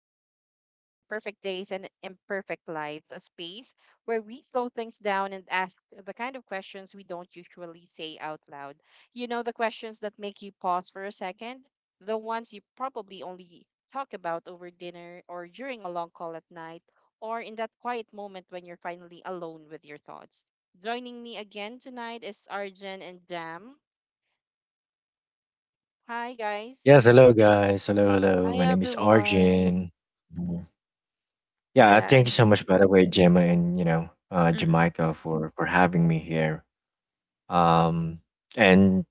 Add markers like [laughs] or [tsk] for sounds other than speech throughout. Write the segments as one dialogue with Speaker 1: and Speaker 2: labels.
Speaker 1: everyone, and welcome to Perfect Days and Imperfect Lives, a space where we slow things down and ask the kind of questions we don't usually say out loud. The questions that make you pause for a second, the ones you probably only talk about over dinner or during a long call at night, or in that quiet moment when you're finally alone with your thoughts. Joining me again tonight is Arjun and Jam. Hi, guys.
Speaker 2: Yes, hello guys. Hello, hello.
Speaker 3: Hi
Speaker 2: My name is
Speaker 3: everyone.
Speaker 2: Arjun. Mhm. Yeah,
Speaker 3: Yeah,
Speaker 2: thank you
Speaker 3: and
Speaker 2: so much by the way, Gemma and
Speaker 3: mm-mm,
Speaker 2: Jamaica for having me here. Um and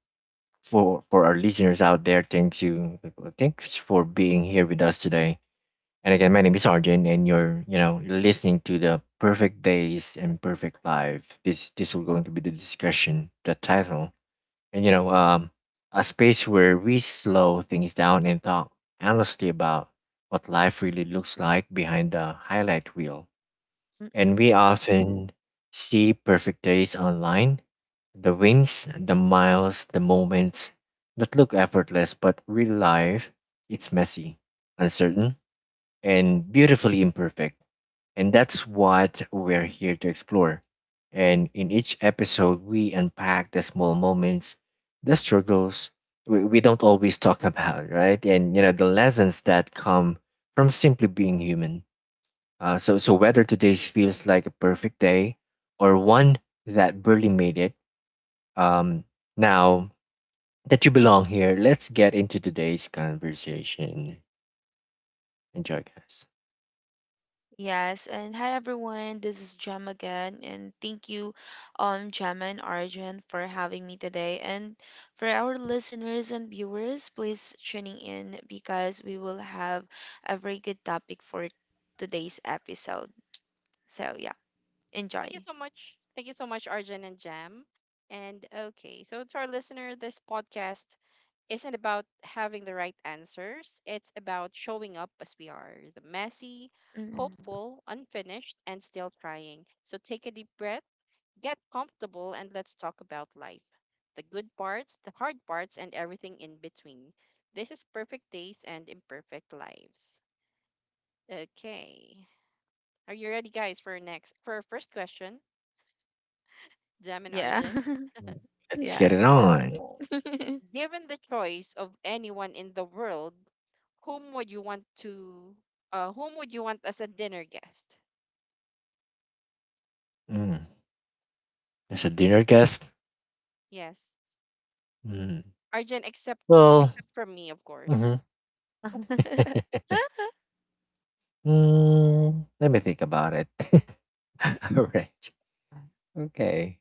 Speaker 2: for our listeners out there, thanks for being here with us today. And again, my name is Arjun and you're listening to the Perfect Days and Perfect Life. This will going to be the discussion, the title and a space where we slow things down and talk honestly about what life really looks like behind the highlight reel. And
Speaker 3: mm-mm.
Speaker 2: we often see perfect days online, the wins, the miles, the moments that look effortless, but real life, it's messy, uncertain, and beautifully imperfect. And that's what we're here to explore. And in each episode, we unpack the small moments, the struggles we don't always talk [laughs] about, right? And, you know, the lessons that come from simply being human. So whether today feels like a perfect day or one that barely made it, um, now that you belong here, let's get into today's conversation. Enjoy, guys.
Speaker 3: Yes, and hi everyone. This is Jem again, and thank you, Gemma and Arjun for having me today. And for our listeners and viewers, please tuning in because we will have a very good topic for today's episode. So yeah,
Speaker 1: Thank you
Speaker 3: enjoy.
Speaker 1: so much. Thank you so much, Arjun and Jam. And okay, so to our listener, this podcast isn't about having the right answers. It's about showing up as we are, the messy,
Speaker 3: Mm-mm.
Speaker 1: hopeful, unfinished, and still trying. So take a deep breath, get comfortable, and let's talk about life, the good parts, the hard parts, and everything in between. This is Perfect Days and Imperfect Lives. Okay. Are you ready, guys, for our first question, Jam and
Speaker 3: Yeah,
Speaker 1: Arjun?
Speaker 3: [laughs]
Speaker 2: Let's
Speaker 3: yeah.
Speaker 2: get it
Speaker 1: So,
Speaker 2: on.
Speaker 3: [laughs]
Speaker 1: given the choice of anyone in the world, whom would you want to whom would you want as a dinner guest?
Speaker 2: Mm. As a dinner guest?
Speaker 1: Yes.
Speaker 2: Mm.
Speaker 1: Arjun, except
Speaker 2: Well,
Speaker 1: except for me, of course.
Speaker 2: mhm. [laughs] Let me think about it. [laughs] All right. Okay.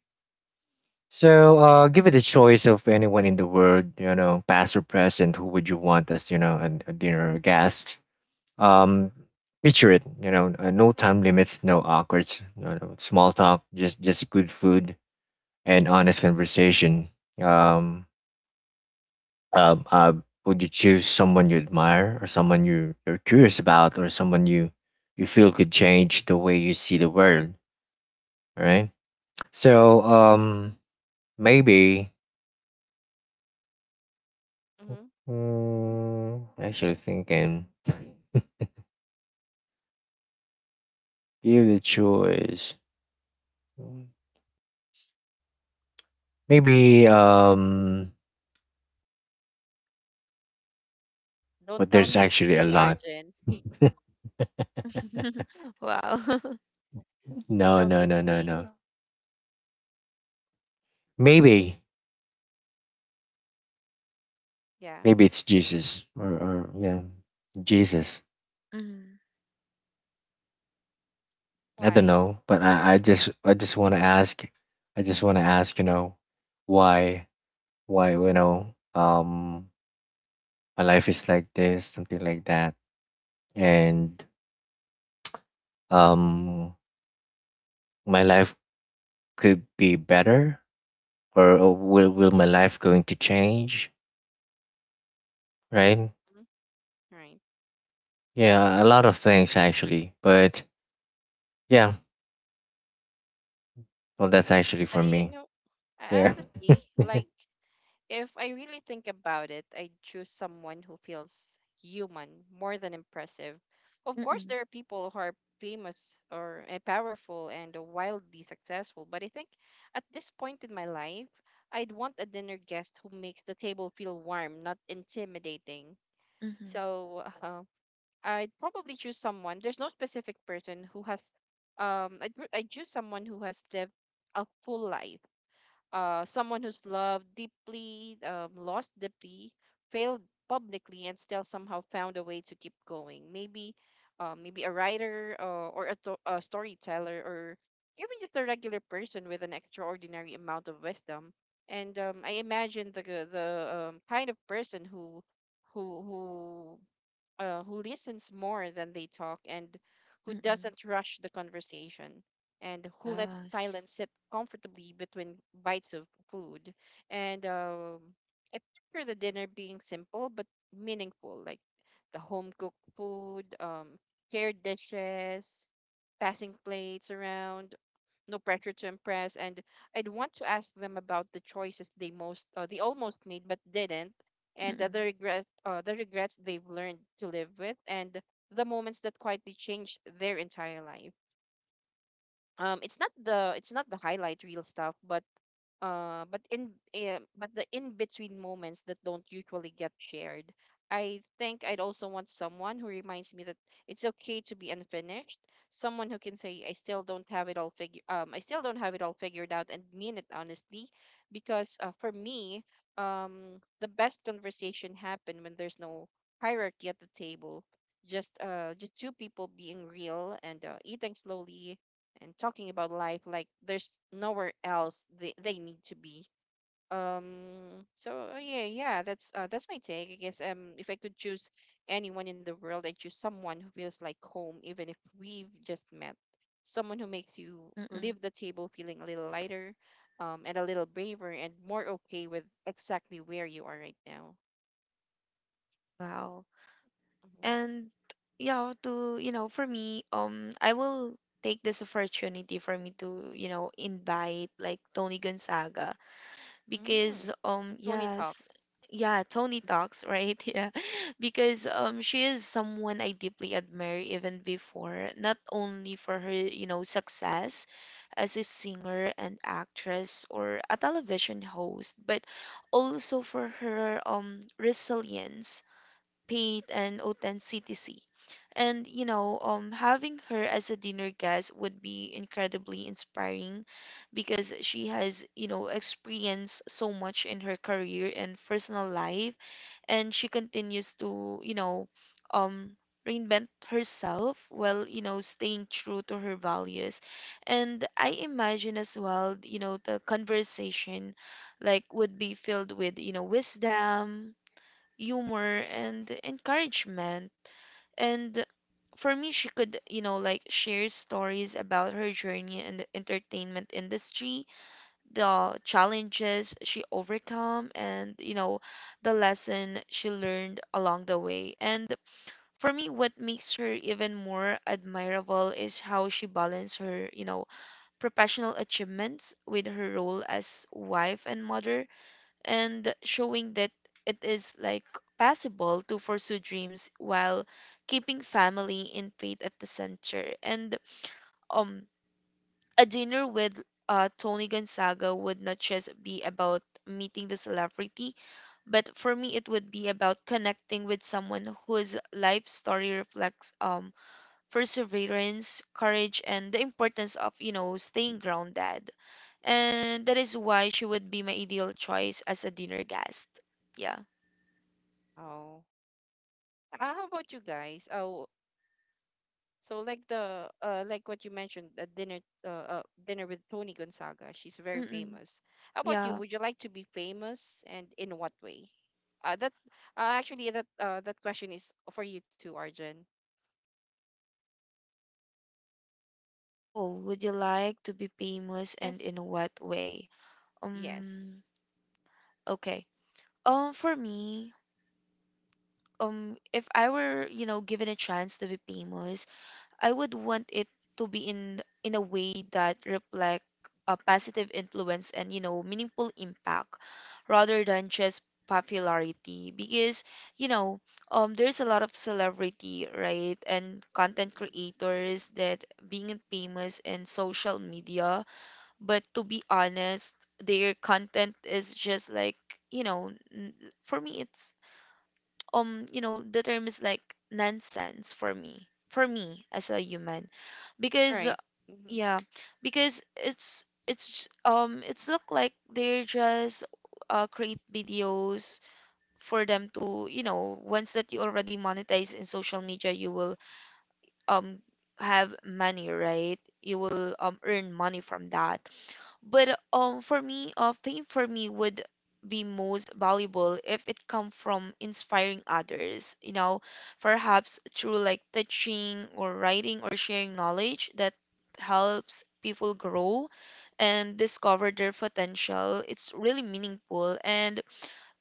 Speaker 2: So, give it a choice of anyone in the world, you know, past or present, who would you want as, you know, a dinner guest? Um, picture it, no time limits, no awkward, no small talk, just good food and honest conversation. Um, uh, uh, would you choose someone you admire or someone you're curious about or someone you feel could change the way you see the world, right? so um maybe
Speaker 1: Mm-hmm.
Speaker 2: actually thinking, give the choice. Mm.
Speaker 1: I,
Speaker 2: maybe
Speaker 1: don't
Speaker 2: But
Speaker 1: tell
Speaker 2: there's
Speaker 1: me it's
Speaker 2: actually a
Speaker 1: me,
Speaker 2: lot.
Speaker 1: Arjun.
Speaker 3: [laughs] wow. [laughs]
Speaker 2: [laughs]
Speaker 1: Don't
Speaker 2: No,
Speaker 1: tell me
Speaker 2: no, no,
Speaker 1: it's
Speaker 2: no,
Speaker 1: me.
Speaker 2: no. Maybe maybe
Speaker 1: Yes.
Speaker 2: it's Jesus, or yeah, Jesus.
Speaker 3: Mm-mm.
Speaker 2: I don't
Speaker 1: Why?
Speaker 2: know, but I just want to ask, I just want to ask, you know, why why, you know, my life is like this, something like that, and um my life could be better, or will my life going to change, right?
Speaker 1: Mhm. Right.
Speaker 2: Yeah, a lot of things actually, but yeah, well that's actually
Speaker 1: Uh,
Speaker 2: for
Speaker 1: you
Speaker 2: me.
Speaker 1: know,
Speaker 2: Yeah,
Speaker 1: Honestly,
Speaker 2: [laughs]
Speaker 1: like, if I really think about it, I'd choose someone who feels human more than impressive. Of course, there are people who are famous or powerful and wildly successful, but I think at this point in my life, I'd want a dinner guest who makes the table feel warm, not intimidating.
Speaker 3: Mm-mm.
Speaker 1: So I'd probably choose someone. There's no specific person who has. I'd choose someone who has lived a full life, someone who's loved deeply, lost deeply, failed publicly, and still somehow found a way to keep going. Maybe a writer, or a storyteller or even just a regular person with an extraordinary amount of wisdom. And I imagine the kind of person who who who listens more than they talk and who
Speaker 3: Mm.
Speaker 1: doesn't rush the conversation and who lets
Speaker 3: Yes.
Speaker 1: silence sit comfortably between bites of food. And I picture the dinner being simple but meaningful, like the home cooked food, shared dishes, passing plates around, no pressure to impress, and I'd want to ask them about the choices they almost made but didn't, and
Speaker 3: Mm.
Speaker 1: the regrets they've learned to live with, and the moments that quietly changed their entire life. It's not the highlight real stuff, but the in between moments that don't usually get shared. I think I'd also want someone who reminds me that it's okay to be unfinished. Someone who can say, I still don't have it all figured out," and mean it honestly, because, for me, the best conversation happen when there's no hierarchy at the table, just two people being real and, eating slowly and talking about life like there's nowhere else they need to be. Yeah, yeah, that's my take, I guess. If I could choose anyone in the world, I choose someone who feels like home even if we've just met, someone who makes you
Speaker 3: Mm.
Speaker 1: leave the table feeling a little lighter and a little braver and more okay with exactly where you are right now.
Speaker 3: Wow.
Speaker 1: Mhm.
Speaker 3: And for me, I will take this opportunity for me to invite like Tony Gonzaga
Speaker 1: mm
Speaker 3: because
Speaker 1: the Tony
Speaker 3: yes,
Speaker 1: talks.
Speaker 3: yeah Tony Talks,
Speaker 1: [laughs]
Speaker 3: right? [laughs] Yeah, because she is someone I deeply admire even before, not only for her success as a singer and actress or a television host, but also for her resilience, paint, and authenticity. And having her as a dinner guest would be incredibly inspiring because she has, experienced so much in her career and personal life, and she continues to, um, reinvent herself while, staying true to her values. And I imagine as well, the conversation like would be filled with, wisdom, humor, and encouragement. And for me, she could, like share stories about her journey in the entertainment industry, the challenges she overcome, and, the lesson she learned along the way. And for me, what makes her even more admirable is how she balanced her, professional achievements with her role as wife and mother, and showing that it is like possible to pursue dreams while keeping family and faith at the center. And um, a dinner with Tony Gonzaga would not just be about meeting the celebrity, but for me, it would be about connecting with someone whose life story reflects perseverance, courage, and the importance of, staying grounded. And that is why she would be my ideal choice as a dinner guest. Yeah.
Speaker 1: oh how about you, guys? Oh So, like the like what you mentioned, a dinner with Tony Gonzaga. She's very
Speaker 3: Mm-mm.
Speaker 1: famous. How about you?
Speaker 3: Yeah.
Speaker 1: Would you like to be famous and in what way? That actually that that question is for you too, Arjun.
Speaker 3: Oh, would you like to be famous and
Speaker 1: Yes.
Speaker 3: in what way?
Speaker 1: Yes.
Speaker 3: Um, okay. For me, if I were, given a chance to be famous, I would want it to be in a way that reflect a positive influence and meaningful impact rather than just popularity, because you know there's a lot of celebrity, right, and content creators that being famous in social media, but to be honest, their content is just like, you know n- for me it's, the term is like nonsense for me, for me as a human, because
Speaker 1: Right. Mm-hmm.
Speaker 3: yeah because it's, it's look like they're just create videos for them to, once that you already monetize in social media, you will um have money, right? You will earn money from that. But for me, fame for me would be most valuable if it come from inspiring others, perhaps through like teaching or writing or sharing knowledge that helps people grow and discover their potential. It's really meaningful, and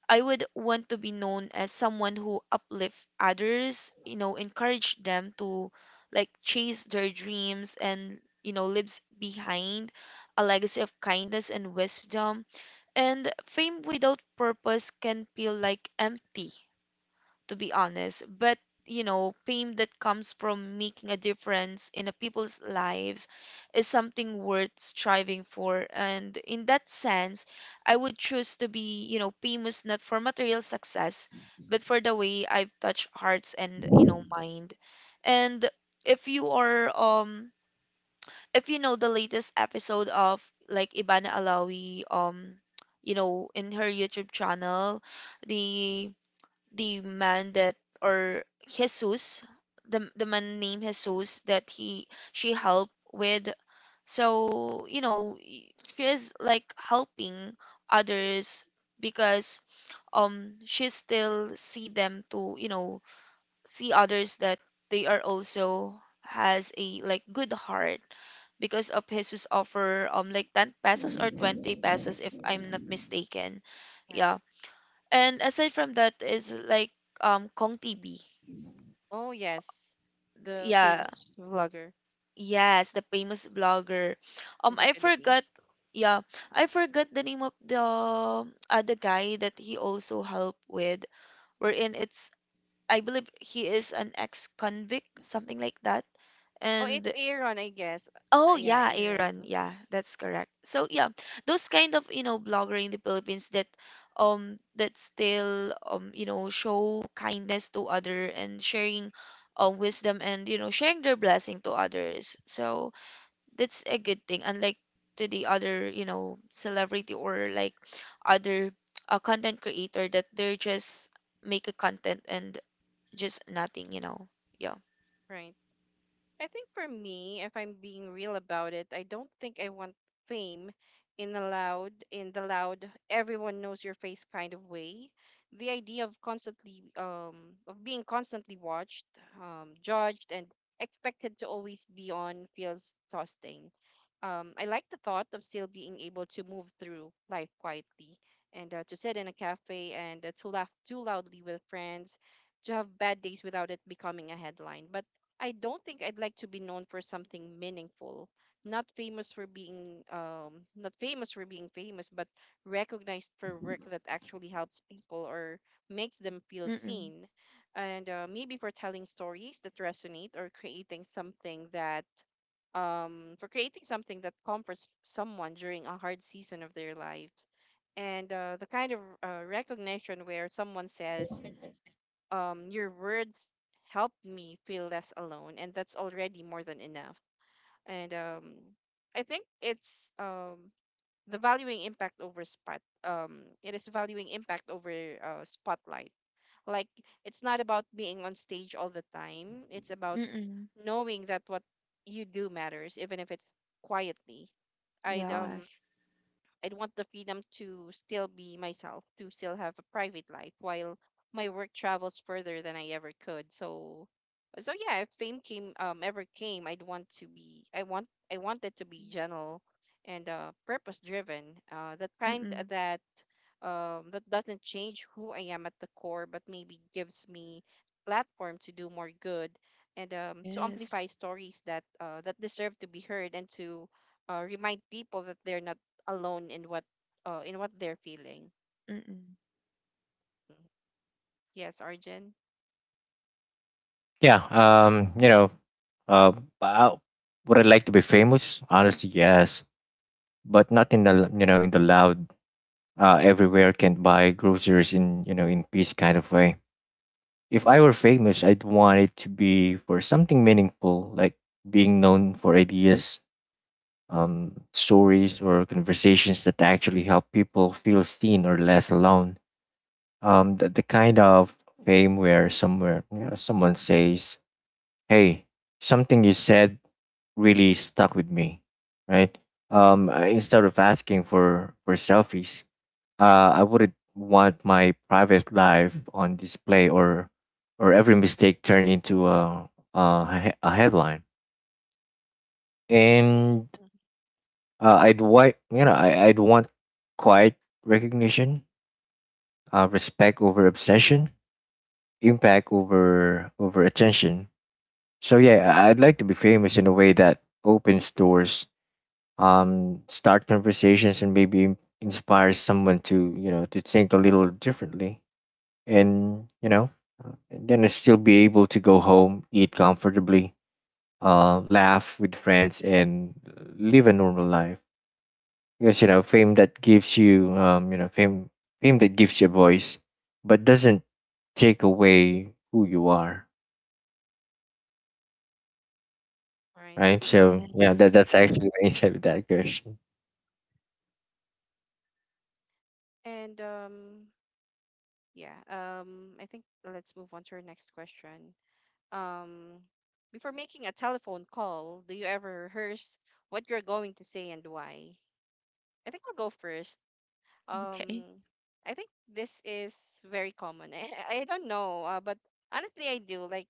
Speaker 3: I would want to be known as someone who uplift others, encourage them to like chase their dreams and leaves behind a legacy of kindness and wisdom. And fame without purpose can feel like empty, to be honest. But, fame that comes from making a difference in a people's lives is something worth striving for. And in that sense, I would choose to be, famous not for material success, but for the way I've touched hearts and, mind. And if you are if you know the latest episode of like Ibana Alawi you know in her YouTube channel, the the man that, or Jesus, the man named Jesus that he she helped with. So she is like helping others because she still see them to, see others that they are also has a like good heart, because of Jesus offer like 10 pesos or 20 pesos, if I'm not mistaken.
Speaker 1: Right.
Speaker 3: Yeah. And aside from that is like Kong TB.
Speaker 1: Oh yes. The
Speaker 3: Yeah,
Speaker 1: famous vlogger
Speaker 3: yes, the famous blogger.
Speaker 1: in the
Speaker 3: I forgot.
Speaker 1: Philippines.
Speaker 3: Yeah, I forgot the name of the guy that he also helped with. Wherein it's, I believe he is an ex-convict, something like that.
Speaker 1: Oh, it's
Speaker 3: And
Speaker 1: Aaron, I guess.
Speaker 3: oh
Speaker 1: Yeah,
Speaker 3: yeah,
Speaker 1: Aaron.
Speaker 3: Aaron.
Speaker 1: Mhm.
Speaker 3: Yeah, that's correct. So yeah, those kind of blogger in the Philippines that that still you know show kindness to other, and sharing wisdom and sharing their blessing to others. So that's a good thing, unlike to the other, celebrity or like other content creator, that they're just make a content and just nothing, you know. Yeah
Speaker 1: Right. I think for me, if I'm being real about it, I don't think I want fame in the loud, everyone knows your face kind of way. The idea of being constantly watched, judged, and expected to always be on feels exhausting. I like the thought of still being able to move through life quietly and, to sit in a cafe and, to laugh too loudly with friends, to have bad days without it becoming a headline. But I don't think I'd like to be known for something meaningful. Not famous for being famous, but recognized for work that actually helps people or makes them feel
Speaker 3: mm-mm
Speaker 1: seen. And, maybe for telling stories that resonate or creating something that comforts someone during a hard season of their lives. And, the kind of recognition where someone says, "Your words help me feel less alone," and that's already more than enough. And I think it's the valuing impact over spotlight. Like, it's not about being on stage all the time. It's about
Speaker 3: mm-mm
Speaker 1: knowing that what you do matters, even if it's quietly. I'd um
Speaker 3: yes
Speaker 1: I'd want the freedom to still be myself, to still have a private life while my work travels further than I ever could. So, yeah, if fame ever came, I want it to be gentle and, purpose driven. Uh, that kind
Speaker 3: mm-mm
Speaker 1: uh, that, that doesn't change who I am at the core, but maybe gives me platform to do more good, and to amplify
Speaker 3: yes
Speaker 1: stories that deserve to be heard, and to, remind people that they're not alone in what they're feeling.
Speaker 3: mm-mm
Speaker 1: Mhm. Yes, Arjun.
Speaker 2: yeah, you know, uh, I- would I like to be famous? Honestly, yes, but not in the, you know, in the loud, everywhere can buy groceries in, you know, in peace kind of way. If I were famous, I'd want it to be for something meaningful, like being known for ideas, stories, or conversations that actually help people feel seen or less alone. The kind of fame where somewhere, you know, someone says, "Hey, something you said really stuck with me," right? Instead of asking for selfies. I wouldn't want my private life on display or every mistake turned into a a headline. And I'd want, you know, I'd want quiet recognition, respect over obsession, impact over attention. So yeah, I'd like to be famous in a way that opens doors, start conversations, and maybe inspires someone to, you know, to think a little differently, and you know, and then I still be able to go home, eat comfortably, laugh with friends and live a normal life. Because, you know, fame that gives you a voice but doesn't take away who you are,
Speaker 1: All right.
Speaker 2: right?
Speaker 1: Mhm.
Speaker 2: So yeah, that
Speaker 3: yes
Speaker 2: that's actually [laughs] my answer with that question.
Speaker 1: And yeah, I think let's move on to our next question. Um Before making a telephone call, do you ever rehearse what you're going to say and why? I think I'll go first.
Speaker 3: [laughs] okay
Speaker 1: Um I think this is very common. [laughs] I don't know, but honestly I do. Like,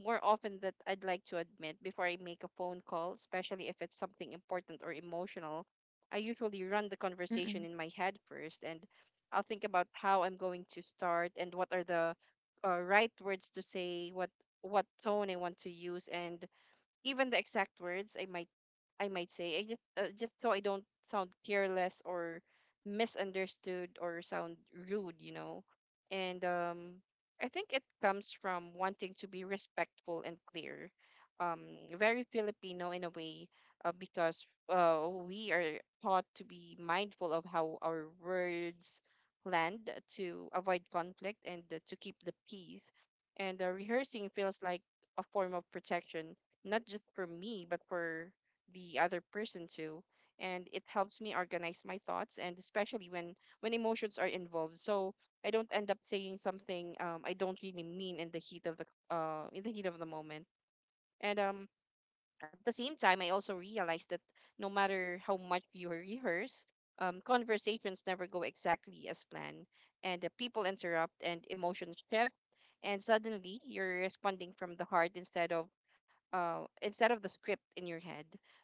Speaker 1: more often than I'd like to admit, before I make a phone call, especially if it's something important or emotional, I usually run the conversation
Speaker 3: mm-mm
Speaker 1: in my head first, and I'll think about how I'm going to start and what are the, right words to say, what tone I want to use, and even the exact words I might say. I just so I don't sound careless or misunderstood or sound rude. And I think it comes from wanting to be respectful and clear. Very Filipino in a way, because we are taught to be mindful of how our words land, to avoid conflict and, to keep the peace. And rehearsing feels like a form of protection, not just for me, but for the other person too. And it helps me organize my thoughts, and especially when emotions are involved, so I don't end up saying something, I don't really mean in the heat of the in the heat of the moment. And, at the same time, I also realized that no matter how much you rehearse, conversations never go exactly as planned, and the people interrupt and emotions shift, and suddenly you're responding from the heart instead of the script in your head.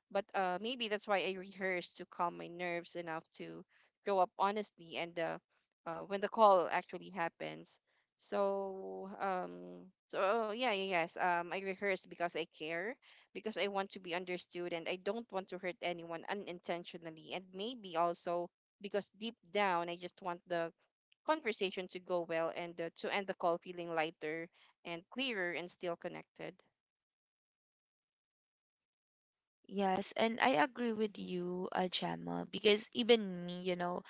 Speaker 1: But maybe that's why I rehearsed, to calm my nerves enough to show up honestly and when the call actually happens. So, yeah, yeah, yes, I rehearsed because I care, because I want to be understood and I don't want to hurt anyone unintentionally. And maybe also because deep down, I just want the conversation to go well and, to end the call feeling lighter and clearer and still connected.
Speaker 3: Yes, and I agree with
Speaker 1: Hmm.
Speaker 3: you, Gemma, because even me, you know,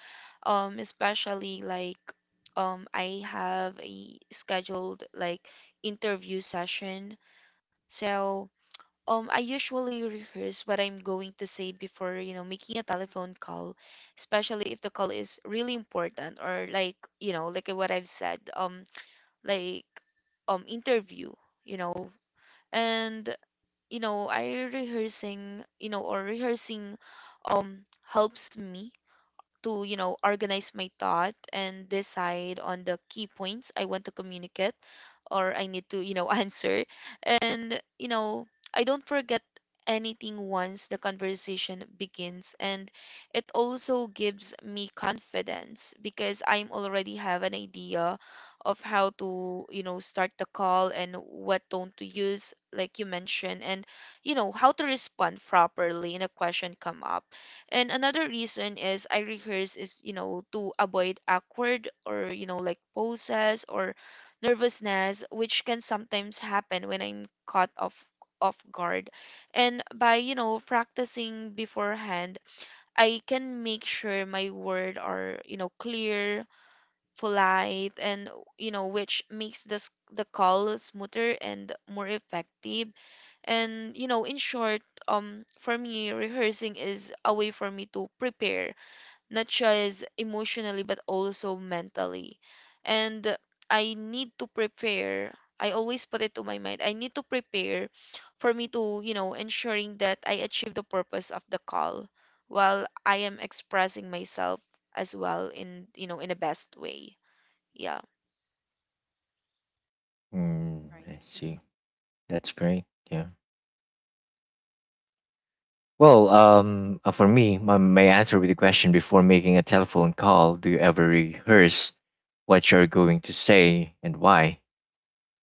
Speaker 3: um, especially like I have a scheduled like interview session, so I usually rehearse what I'm going to say before, making a telephone call, especially if the call is really important, or like, like what I've said, like interview, you know, and you know, I rehearsing, you know, or rehearsing helps me to organize my thought and decide on the key points I want to communicate or I need to [laughs] answer, and I don't forget anything once the conversation begins. And it also gives me confidence because I'm already have an idea of how to start the call and what tone to use like you mentioned, and how to respond properly in a question come up. And another reason is I rehearse is, to avoid awkward, or like poses or nervousness, which can sometimes happen when I'm caught off guard. And by, practicing beforehand, I can make sure my word are, clear, polite, and which makes this the call smoother and more effective. And you know in short for me, rehearsing is a way for me to prepare, not just emotionally but also mentally. And I need to prepare. I always put it to my mind, I need to prepare, for me to ensuring that I achieve the purpose of the call while I am expressing myself as well in, in the best way. Yeah.
Speaker 2: I
Speaker 1: Right.
Speaker 2: see.
Speaker 1: Hmm.
Speaker 2: That's great. Yeah. Well, for me, my answer with the question: before making a telephone call, do you ever rehearse what you're going to say and why?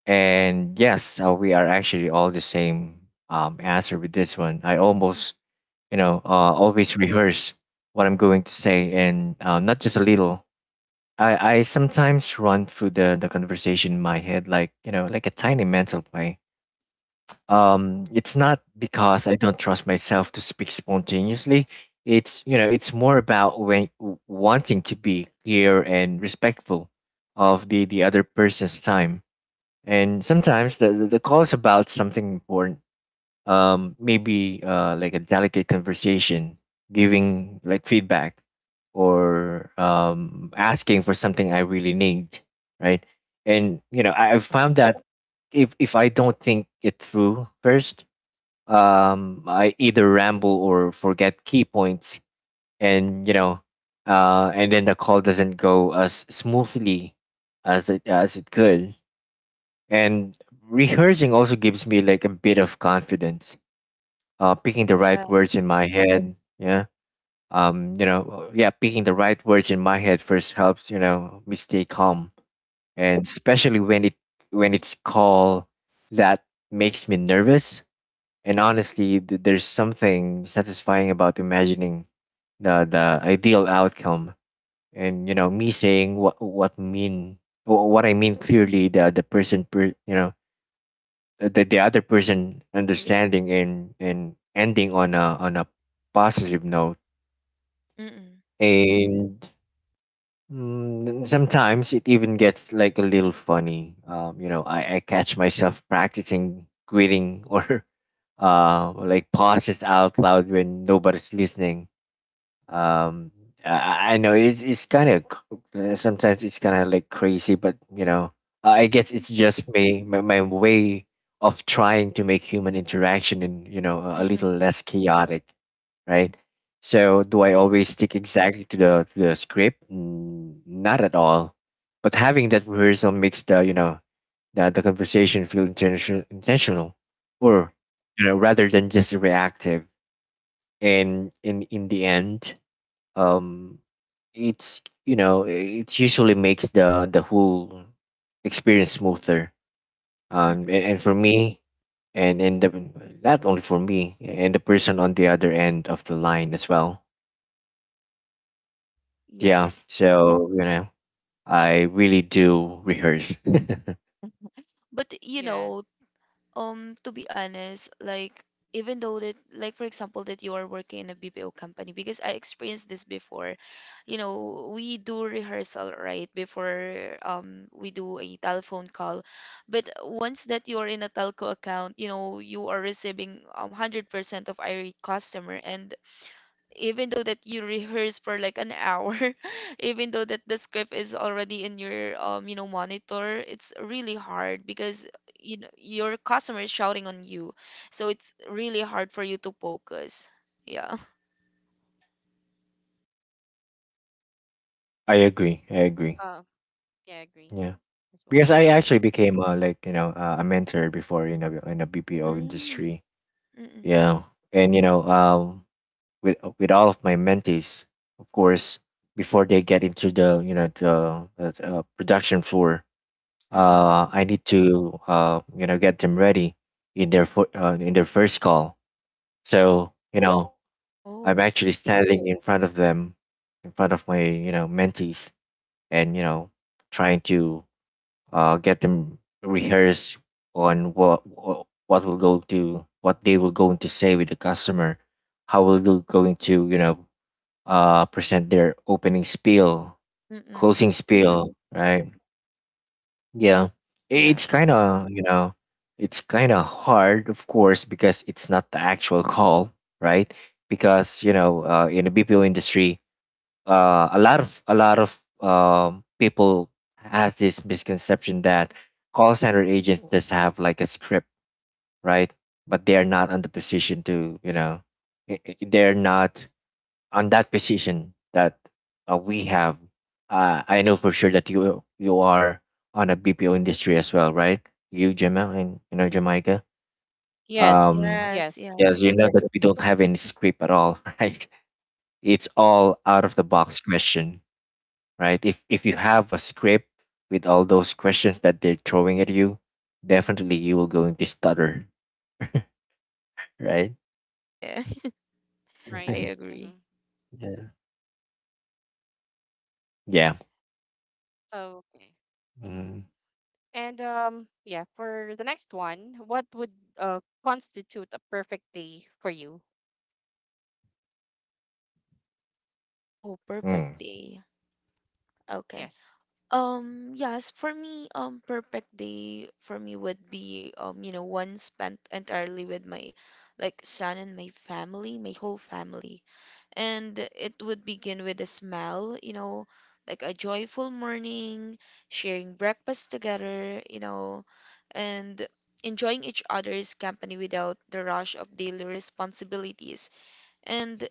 Speaker 2: And yes, we are actually all the same, answer with this one. I almost, you know, always rehearse what I'm going to say, and not just a little. I sometimes run through the conversation in my head, like, you know, like a tiny mental play. It's not because I don't trust myself to speak spontaneously. It's, you know, it's more about when wanting to be clear and respectful of the other person's time. And sometimes the call is about something important. Maybe like a delicate conversation, giving like feedback, or asking for something I really need, right? And you know, I've found that if I don't think it through first, I either ramble or forget key points. And you know, and then the call doesn't go as smoothly as it could. And rehearsing also gives me like a bit of confidence, picking the right words
Speaker 3: Yes.
Speaker 2: in my head, yeah. You know, yeah, picking the right words in my head first helps, you know, me stay calm, and especially when it when it's call that makes me nervous. And honestly, there's something satisfying about imagining the ideal outcome, and you know, me saying what I mean clearly, the person, per, you know, the other person understanding and ending on a positive note,
Speaker 3: Mm-mm.
Speaker 2: and Mm, and sometimes it even gets like a little funny. You know, I catch myself practicing greeting or [laughs] like pauses out loud when nobody's listening. um I know it's kind of sometimes it's kind of like crazy, but you know, I guess it's
Speaker 3: [laughs]
Speaker 2: just me, my way of trying to make human interaction and, you know, a little
Speaker 3: Mm-mm.
Speaker 2: less chaotic, right? So do I always
Speaker 3: Yes.
Speaker 2: stick exactly to the script? Mm, not at all. But having that rehearsal makes the, you know, the conversation feel intentional, or you know, rather than just reactive. And in the end, um it's, you know, it usually makes the whole experience smoother,
Speaker 3: Mm-mm.
Speaker 2: and for me, and the, not only for me and the person on the other end of the line as well, yeah.
Speaker 3: Yes.
Speaker 2: So you know, I really do rehearse.
Speaker 3: But
Speaker 1: Yes.
Speaker 3: to be honest, like even though that, like for example, that you are working in a BPO company, because I experienced this before, we do rehearsal right before we do a telephone call. But once that you are in a telco account, you are receiving 100% of every customer, and even though that you rehearse for like an hour, [laughs] even though that the script is already in your monitor, it's really hard because your customer is shouting on you, so it's really hard for you to focus. Yeah
Speaker 2: I agree, I agree.
Speaker 1: Uh, yeah, I
Speaker 2: Yeah,
Speaker 1: agree as
Speaker 2: because I
Speaker 1: well.
Speaker 2: actually became, like, you know, a mentor before in a BPO
Speaker 3: mm,
Speaker 2: industry.
Speaker 3: mm-mm,
Speaker 2: Yeah. And you know, with all of my mentees, of course, before they get into the, you know, the production floor.
Speaker 3: mm-mm.
Speaker 2: I need to, you know, get them ready in their in their first call. So you know, I'm
Speaker 3: oh
Speaker 2: actually standing in front of them, in front of my, you know, mentees, and you know, trying to get them rehearse on what will go to what they will going to say with the customer, how will they going to, you know, present their opening spiel,
Speaker 3: mm-mm.
Speaker 2: closing spiel,
Speaker 3: [laughs]
Speaker 2: right? Yeah.
Speaker 3: yeah
Speaker 2: It's kind of, you know, it's kind of hard, of course, because it's not the actual call, right? Because, you know, in the BPO industry, a lot of people has this misconception that call center agents just have like a script, right? But they are not on the position to, you know, they're not on that position that uh, we have, I know for sure that you are on a BPO industry as well, right? You, Gemma, in, you know, Jamaica.
Speaker 1: Yes.
Speaker 2: Um,
Speaker 3: yes
Speaker 1: Yes.
Speaker 3: yes
Speaker 2: yes, you know that we don't have any script at all, [laughs] right? It's all out of the box question, right? If you have a script with all those questions that they're throwing at you, definitely you will going to stutter, right?
Speaker 3: yeah [laughs]
Speaker 1: Right.
Speaker 3: I
Speaker 2: [laughs]
Speaker 1: Mm-hmm.
Speaker 3: agree
Speaker 2: Yeah. Yeah.
Speaker 1: Okay. Mm-hmm.
Speaker 2: Mm.
Speaker 1: And Yeah, for the next one, what would constitute a perfect day for you?
Speaker 3: Oh, perfect
Speaker 2: Mm.
Speaker 3: day. Okay.
Speaker 1: Yes.
Speaker 3: Yes, for me, perfect day for me would be, one spent entirely with my, like, son and my family, my whole family. And it would begin with a smell, like a joyful morning, sharing breakfast together, and enjoying each other's company without the rush of daily responsibilities. And,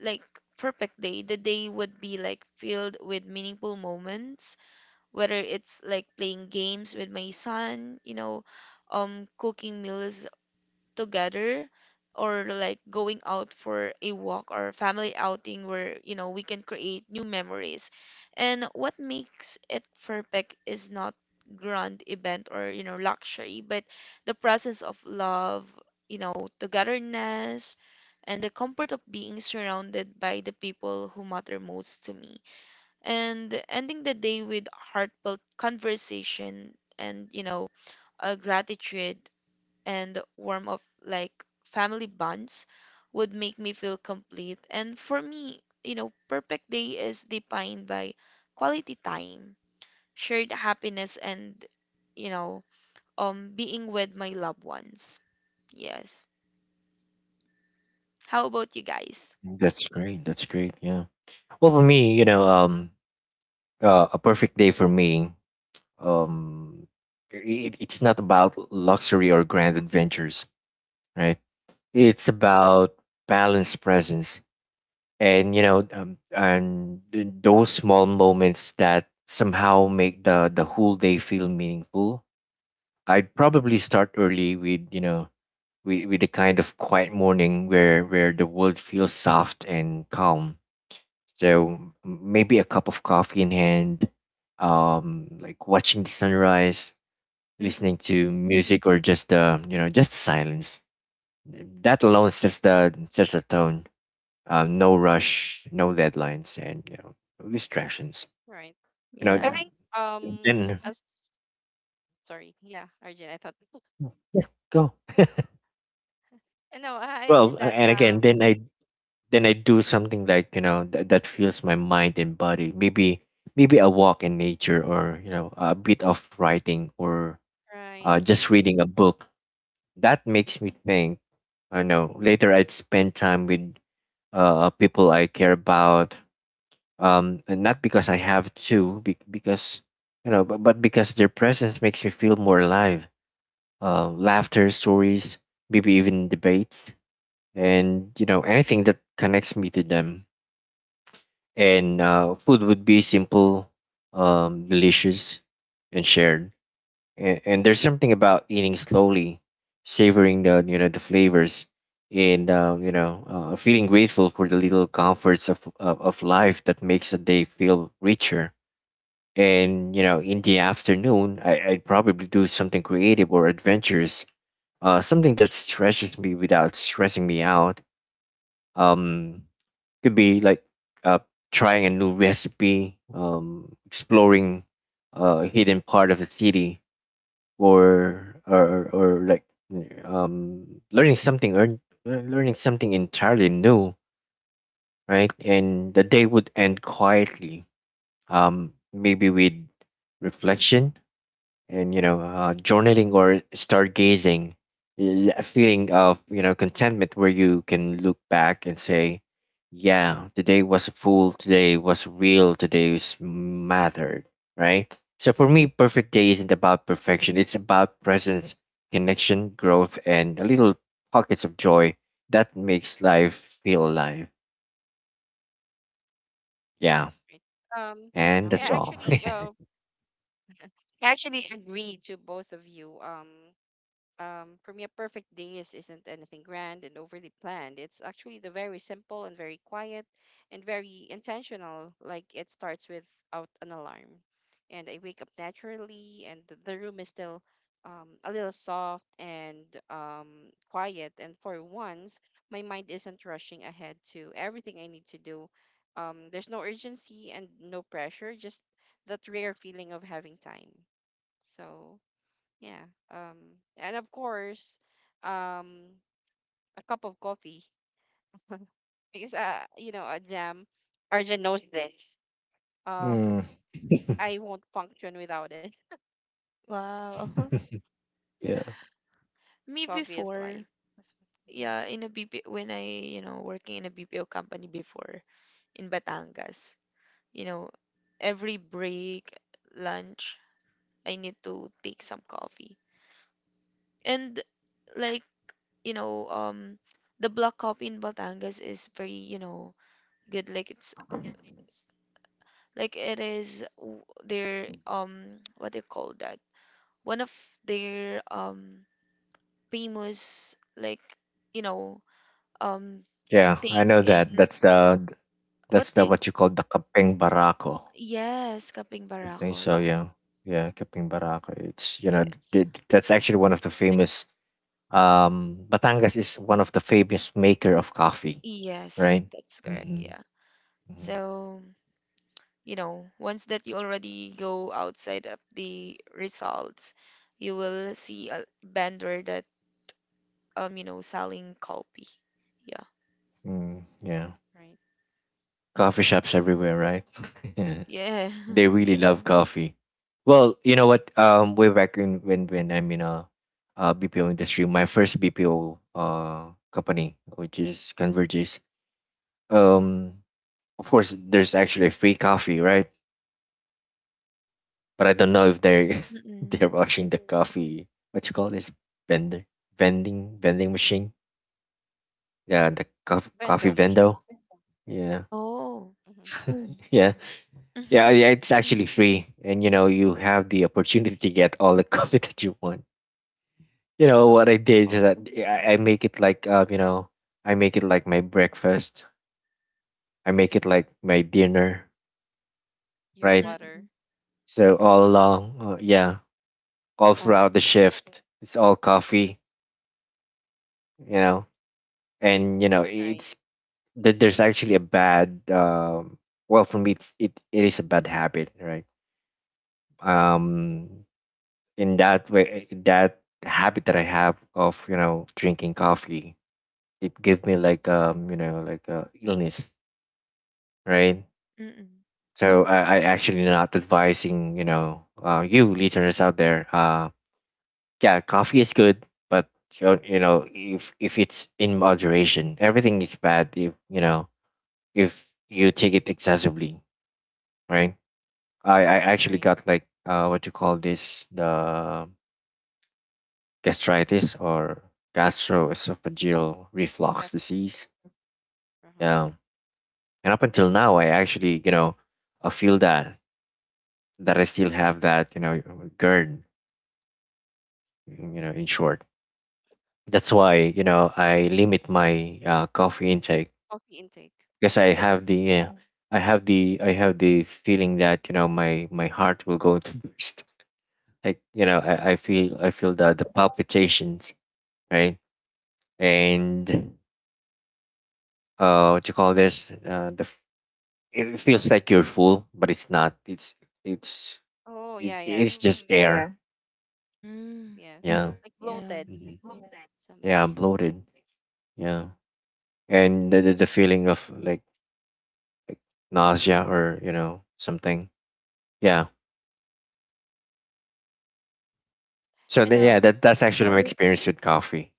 Speaker 3: like, perfect day, the day would be, like, filled with meaningful moments, whether it's like playing games with my son, cooking meals together, or like going out for a walk or a family outing where, we can create new memories. And what makes it perfect is not grand event or, luxury, but the presence of love, togetherness, and the comfort of being surrounded by the people who matter most to me. And ending the day with heartfelt conversation and a gratitude and warmth of like family bonds would make me feel complete. And for me, perfect day is defined by quality time, shared happiness, and you know being with my loved ones. Yes. How about you guys?
Speaker 2: That's great. That's great. Yeah. Well, for me, you know, a perfect day for me, um, it, it's not about luxury or grand adventures, right? It's about balanced presence, and you know, and those small moments that somehow make the whole day feel meaningful. I'd probably start early with, you know, with the kind of quiet morning where the world feels soft and calm. So maybe a cup of coffee in hand, like watching the sunrise, listening
Speaker 3: Mm-mm.
Speaker 2: to music, or just, you know, just silence. That alone sets the tone. No rush, no deadlines, and you know, no distractions.
Speaker 1: Right.
Speaker 2: You
Speaker 3: yeah
Speaker 1: I
Speaker 2: know,
Speaker 1: think
Speaker 2: then
Speaker 1: as Sorry, yeah, Arjun, I thought.
Speaker 2: yeah, go
Speaker 1: [laughs] No, it's
Speaker 2: well.
Speaker 1: just that,
Speaker 2: And again, then I do something like, you know, that fuels my mind and body. Maybe a walk in nature, or a bit of writing, or
Speaker 1: right,
Speaker 2: just reading a book that makes me think. I know later I'd spend time with people I care about, and not because I have to be- because, but because their presence makes me feel more alive. Uh, laughter, stories, maybe even debates, and anything that connects me to them. And food would be simple, delicious, and shared. And there's something about eating slowly, savoring the flavors, and feeling grateful for the little comforts of life that makes a day feel richer. And in the afternoon, I'd probably do something creative or adventurous. Something that stretches me without stressing me out. um could be like, uh, trying a new recipe, exploring a hidden part of the city, or like, um learning something learn, learning something entirely new. Right, and the day would end quietly, maybe with reflection, and journaling or stargazing. A feeling of contentment where you can look back and say, yeah, today was full, today was real, today was mattered. Right, so for me, perfect day isn't about perfection, it's about presence, connection, growth, and little pockets of joy that makes life feel alive. Yeah,
Speaker 1: right. Um
Speaker 2: and
Speaker 1: I
Speaker 2: that's
Speaker 3: Wow.
Speaker 2: all.
Speaker 1: actually
Speaker 2: [laughs]
Speaker 1: [laughs] I actually agree to both of you. For me, a perfect day isn't anything grand and overly planned. It's actually the very simple and very quiet and very intentional. Like, it starts without an alarm, and I wake up naturally, and the room is still, a little soft and, quiet. And for once, my mind isn't rushing ahead to everything I need to do. There's no urgency and no pressure, just that rare feeling of having time. So yeah. And of course, um, a cup of coffee because you know, a jam. Arjun knows this.
Speaker 3: Mm,
Speaker 2: Mm.
Speaker 1: Um,
Speaker 2: [laughs]
Speaker 1: I won't function without it. [laughs]
Speaker 3: wow.
Speaker 2: Yeah.
Speaker 3: [laughs] Me
Speaker 1: Coffee is
Speaker 3: before.
Speaker 1: life.
Speaker 3: Yeah, in a BP when I, working in a BPO company before in Batangas, you know, every break, lunch, I need to take some coffee. And like, you know, um the black coffee in Batangas is very, good. Like it is their [tsk] what they call that? One of their famous like, you know, um
Speaker 2: yeah i
Speaker 3: thing
Speaker 2: know that
Speaker 3: in
Speaker 2: that's the
Speaker 3: what
Speaker 2: That's the
Speaker 3: do.
Speaker 2: what you call the Kapeng Barako.
Speaker 3: Yes,
Speaker 2: I
Speaker 3: Kapingbarako,
Speaker 2: think
Speaker 3: Barako,
Speaker 2: so,
Speaker 3: yeah.
Speaker 2: yeah. Yeah, Kapeng Barako. It's, you know,
Speaker 3: Yes.
Speaker 2: that's actually one of the
Speaker 1: Like,
Speaker 2: famous, Batangas is one of the famous maker of coffee,
Speaker 3: Yes,
Speaker 2: right?
Speaker 3: that's correct,
Speaker 2: Mm-hmm.
Speaker 3: yeah.
Speaker 2: Mm-hmm.
Speaker 3: So, once that you already go outside of the results, you will see a vendor that selling copy. Yeah.
Speaker 2: Mm, yeah.
Speaker 1: right.
Speaker 2: Coffee shops everywhere, right? [laughs] Yeah.
Speaker 3: Yeah.
Speaker 2: They really love coffee. Well, you know what? Way back in, when I'm in a BPO industry, my first BPO company, which is Converges. Um Of course, there's actually free coffee, right? But I don't know if they're
Speaker 3: [laughs]
Speaker 2: [laughs]
Speaker 3: Mm-mm.
Speaker 2: they're washing the coffee. What you call this vendor, vending machine? Yeah, the coffee
Speaker 1: Vendo machine.
Speaker 2: coffee vendor. Yeah,
Speaker 1: Mm-hmm.
Speaker 3: Oh.
Speaker 2: [laughs] yeah, yeah, yeah.
Speaker 3: [laughs]
Speaker 2: It's actually free, and you know you have the opportunity to get all the coffee [laughs] that you want. You know
Speaker 3: Oh,
Speaker 2: what I did is
Speaker 3: wow.
Speaker 2: that, yeah, I make it like, I make it like my breakfast. I make it like my dinner,
Speaker 1: Your
Speaker 2: right?
Speaker 1: water.
Speaker 3: Mm-mm.
Speaker 2: So all along, yeah,
Speaker 1: Uh,
Speaker 2: all throughout the shift. It's all coffee, you know, and you know
Speaker 1: Right.
Speaker 2: it's there, there's actually a bad. Well, for me, it's, it is a bad habit, right? Um, in that way, that habit that I have of, you know, drinking coffee, it gave me like, a illness, right?
Speaker 3: Mm-mm.
Speaker 2: So I actually not advising, you know, you listeners out there. Yeah, coffee is good, but, you know, if it's in moderation, everything is bad. If, you know, if you take it excessively, right? I
Speaker 1: Right.
Speaker 2: actually got like, what you call this, the gastritis, or gastroesophageal reflux
Speaker 1: Just
Speaker 2: disease.
Speaker 1: uh-huh.
Speaker 2: Yeah, and up until now, I actually, you know, I feel that, I still have that, you know, GERD. You know, in short, that's why, you know, I limit my coffee intake,
Speaker 1: Coffee intake.
Speaker 2: because I
Speaker 1: Mm-hmm.
Speaker 2: have the, yeah, I have the feeling that, you know, my heart will go [laughs] to burst. Like, you know, I feel the palpitations, right? And what you call this? The it feels like you're full, but it's not. It's
Speaker 1: Oh
Speaker 2: it,
Speaker 1: yeah, yeah.
Speaker 2: it's just air.
Speaker 3: Mm.
Speaker 1: Yes.
Speaker 2: Yeah.
Speaker 1: Like
Speaker 3: Yeah,
Speaker 1: bloated
Speaker 2: Mhm.
Speaker 1: something.
Speaker 2: Yeah, I'm bloated. Yeah, and the, the feeling of like nausea, or, you know, something. Yeah.
Speaker 1: [laughs]
Speaker 2: So
Speaker 1: And
Speaker 2: the, yeah, that
Speaker 3: yes.
Speaker 2: that's actually my experience with coffee.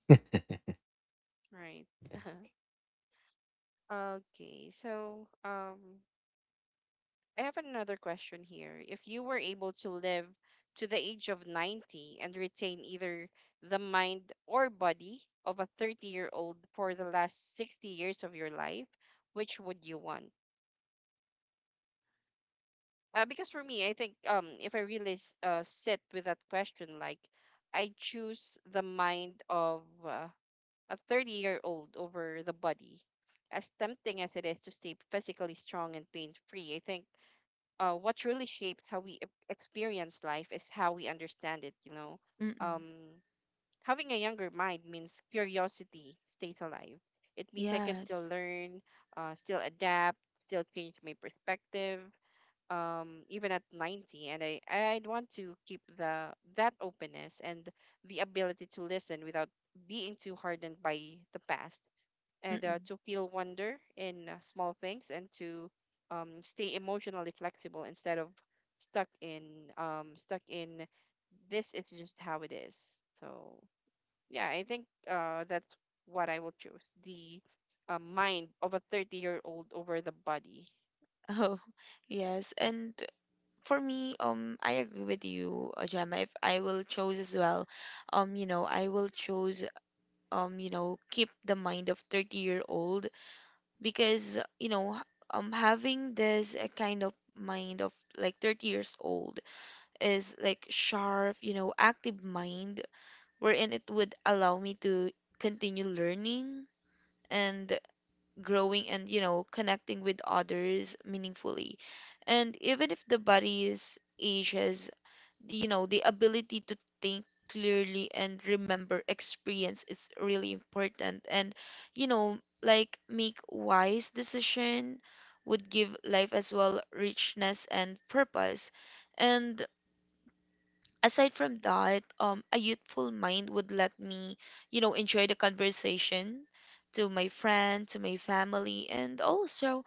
Speaker 1: right. [laughs] Okay. I have another question here. If you were able to live to the age of 90 and retain either the mind or body of a 30-year-old for the last 60 years of your life, which would you want? Because for me, I think if I really sit with that question, I choose the mind of uh, a 30-year-old over the body. As tempting as it is to stay physically strong and pain free, I think what really shapes how we experience life is how we understand it.
Speaker 3: Mm-mm.
Speaker 1: Um, having a younger mind means curiosity stays alive. It means I can still
Speaker 3: Yes.
Speaker 1: learn, still adapt, still change my perspective, even at 90. And I'd want to keep the that openness and the ability to listen without being too hardened by the past, and
Speaker 3: Mm-mm.
Speaker 1: to feel wonder in small things, and to stay emotionally flexible instead of stuck in stuck in this is just how it is. So yeah, I think that's what I will choose: the mind of a 30-year-old over the body.
Speaker 3: Oh, [laughs] yes.
Speaker 1: Yep.
Speaker 3: And for me, I agree with you, Gemma. If I will choose as well, I will choose, keep the mind of 30-year-old because, having this kind of mind of like 30 years old is like sharp, you know, active mind wherein it would allow me to continue learning and growing and, you know, connecting with others meaningfully. And even if the body's ages, you know, the ability to think clearly and remember experience is really important. And, you know, like make wise decision would give life as well richness and purpose. And aside from that, a youthful mind would let me, you know, enjoy the conversation to my friend, to my family, and also,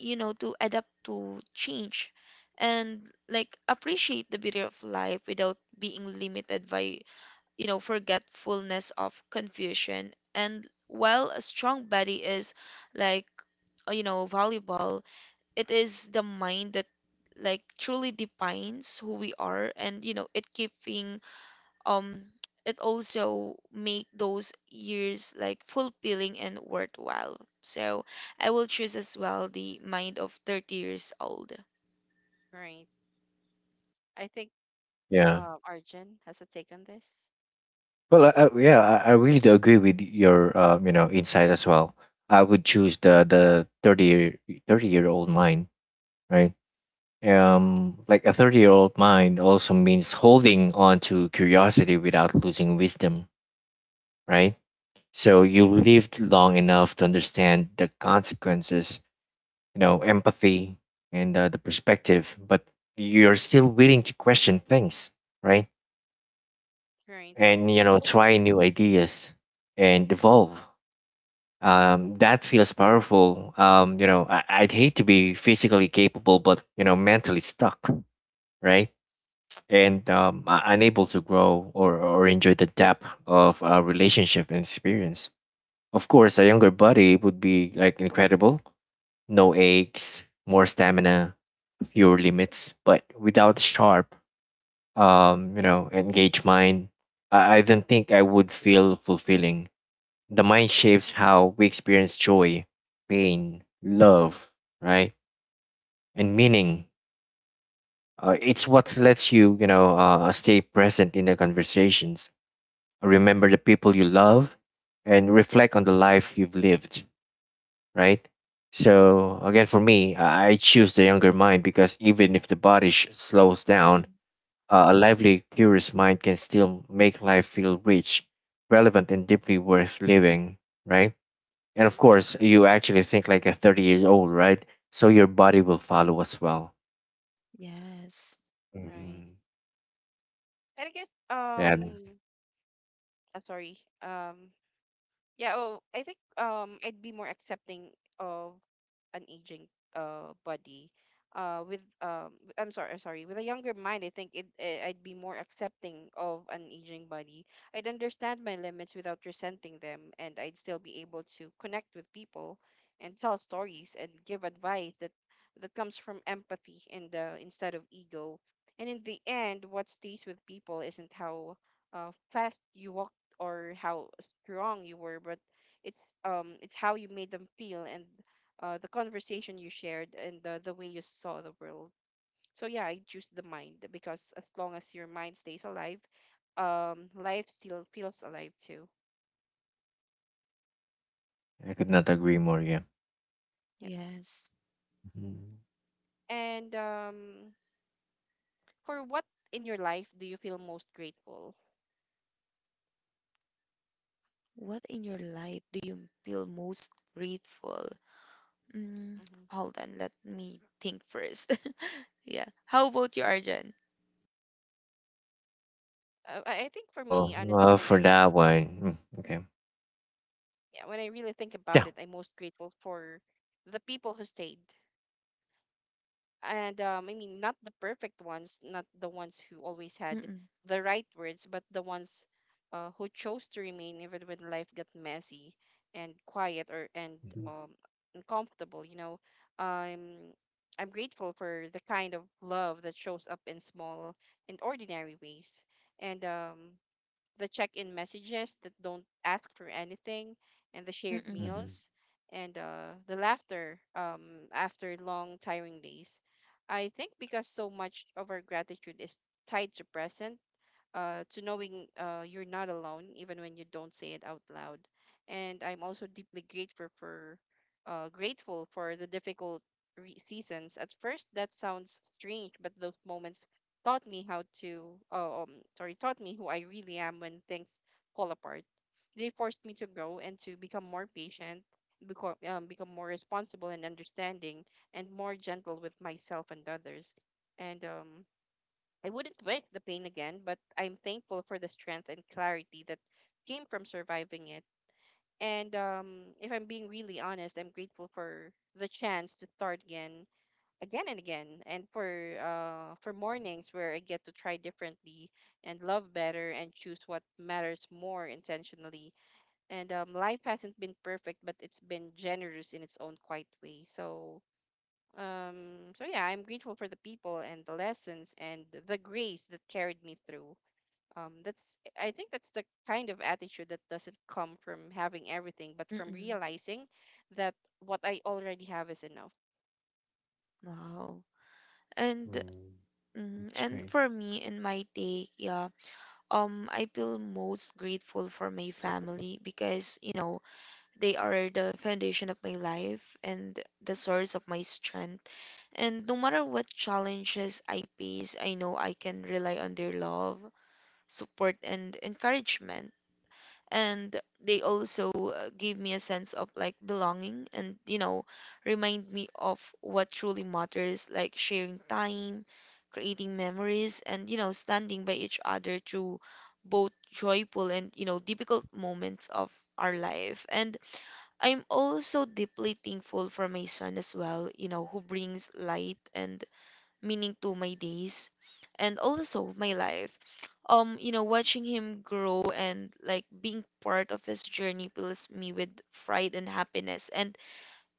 Speaker 3: you know, to adapt to change and like appreciate the beauty of life without being limited by, you know, forgetfulness of confusion. And while a strong body is like, you know, valuable, it is the mind that like truly defines who we are, and you know it keeping um it also make those years like fulfilling and worthwhile. So I will choose as well the mind of 30 years old.
Speaker 1: Right. I think
Speaker 2: Yeah.
Speaker 1: Arjun has a take on this.
Speaker 2: Well, yeah, I really do agree with your, insight as well. I would choose the 30 year, 30-year-old mind, right? Like a 30-year-old mind also means holding on to curiosity without losing wisdom, right? So you lived long enough to understand the consequences, you know, empathy, and the perspective, but you're still willing to question things, right?
Speaker 1: Right.
Speaker 2: And you know try new ideas and evolve. That feels powerful. I'd hate to be physically capable, but, you know, mentally stuck, right? And unable to grow or enjoy the depth of our relationship and experience. Of course, a younger body would be like incredible, no aches, more stamina, fewer limits, but without sharp, engaged mind, I don't think I would feel fulfilling. The mind shapes how we experience joy, pain, love, right, and meaning. It's what lets you, you know, stay present in the conversations, remember the people you love, and reflect on the life you've lived, right? So again, for me, I choose the younger mind, because even if the body slows
Speaker 3: Mm,
Speaker 2: down, a lively, curious mind can still make life feel rich, relevant, and deeply worth living, right? And of course, you actually think like a 30-year-old, right? So your body will follow as well.
Speaker 3: yes.
Speaker 1: Right.
Speaker 2: Mm.
Speaker 1: And I guess
Speaker 2: Yeah,
Speaker 1: I'm sorry. Yeah, oh, I think I'd be more accepting of an aging body with w- I'm sorry sorry with a younger mind. I think it I'd be more accepting of an aging body. I'd understand my limits without resenting them, and I'd still be able to connect with people and tell stories and give advice that comes from empathy and instead of ego. And in the end, what stays with people isn't how fast you walked or how strong you were, but it's how you made them feel, and the conversation you shared, and the way you saw the world. So yeah, I choose the mind, because as long as your mind stays alive, life still feels alive too.
Speaker 2: I could not agree more. Yeah.
Speaker 1: Yep.
Speaker 3: Yes.
Speaker 2: Mhm.
Speaker 1: And For what in your life do you feel most grateful?
Speaker 3: What in your life do you feel most grateful? Mm,
Speaker 1: Mm-hmm.
Speaker 3: hold on, let me think first. [laughs] Yeah, how about
Speaker 1: Yep.
Speaker 3: you, Arjan?
Speaker 1: I think for me,
Speaker 2: Oh,
Speaker 1: honestly,
Speaker 2: well,
Speaker 1: when I
Speaker 2: for that one. Mm, okay.
Speaker 1: yeah, when I really think about it,
Speaker 2: Yeah.
Speaker 1: I'm most grateful for the people who stayed. And I mean, not the perfect ones, not the ones who always had
Speaker 3: Mm-mm.
Speaker 1: the right words, but the ones who chose to remain even when life got messy and quiet or and
Speaker 2: Mhm.
Speaker 1: um, uncomfortable. You know, I'm I'm grateful for the kind of love that shows up in small and ordinary ways, and the check-in messages that don't ask for anything, and the shared
Speaker 3: Mm-mm.
Speaker 2: Hmm.
Speaker 1: meals, and the laughter after long, tiring days. I think because so much of our gratitude is tied to present, to knowing you're not alone, even when you don't say it out loud. And I'm also deeply grateful for grateful for the difficult seasons. At first, that sounds strange, but those moments taught me how to oh, sorry taught me who I really am when things fall apart. They forced me to grow and to become more patient, become more responsible and understanding, and more gentle with myself and others. And I wouldn't wish the pain again, but I'm thankful for the strength and clarity that came from surviving it. And if I'm being really honest, I'm grateful for the chance to start again, again and again, and for mornings where I get to try differently and love better and choose what matters more intentionally. And life hasn't been perfect, but it's been generous in its own quiet way. So yeah, I'm grateful for the people and the lessons and the grace that carried me through. That's I think that's the kind of attitude that doesn't come from having everything, but from
Speaker 3: Mm-mm.
Speaker 1: realizing that what I already have is enough.
Speaker 3: Wow. And
Speaker 2: Mm.
Speaker 3: mm,
Speaker 2: That's
Speaker 3: and
Speaker 2: great.
Speaker 3: for me in my take, yeah, I feel most grateful for my family, because you know they are the foundation of my life and the source of my strength. And no matter what challenges I face, I know I can rely on their love, support, and encouragement. And they also gave me a sense of like belonging, and you know remind me of what truly matters, like sharing time, creating memories, and you know standing by each other through both joyful and you know difficult moments of our life. And I'm also deeply thankful for my son as well, you know, who brings light and meaning to my days and also my life. You know, watching him grow and like being part of his journey fills me with pride and happiness. And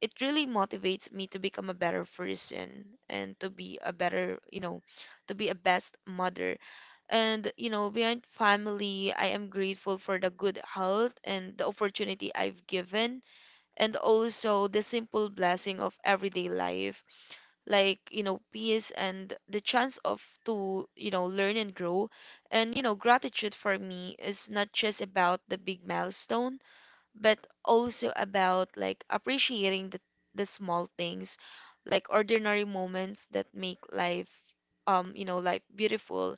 Speaker 3: it really motivates me to become a better person and to be a better, you know, to be a best mother. And, you know, beyond family, I am grateful for the good health and the opportunity I've given, and also the simple blessing of everyday life, like you know peace and the chance of to you know learn and grow. And you know gratitude for me is not just about the big milestone, but also about like appreciating the small things, like ordinary moments that make life you know life beautiful.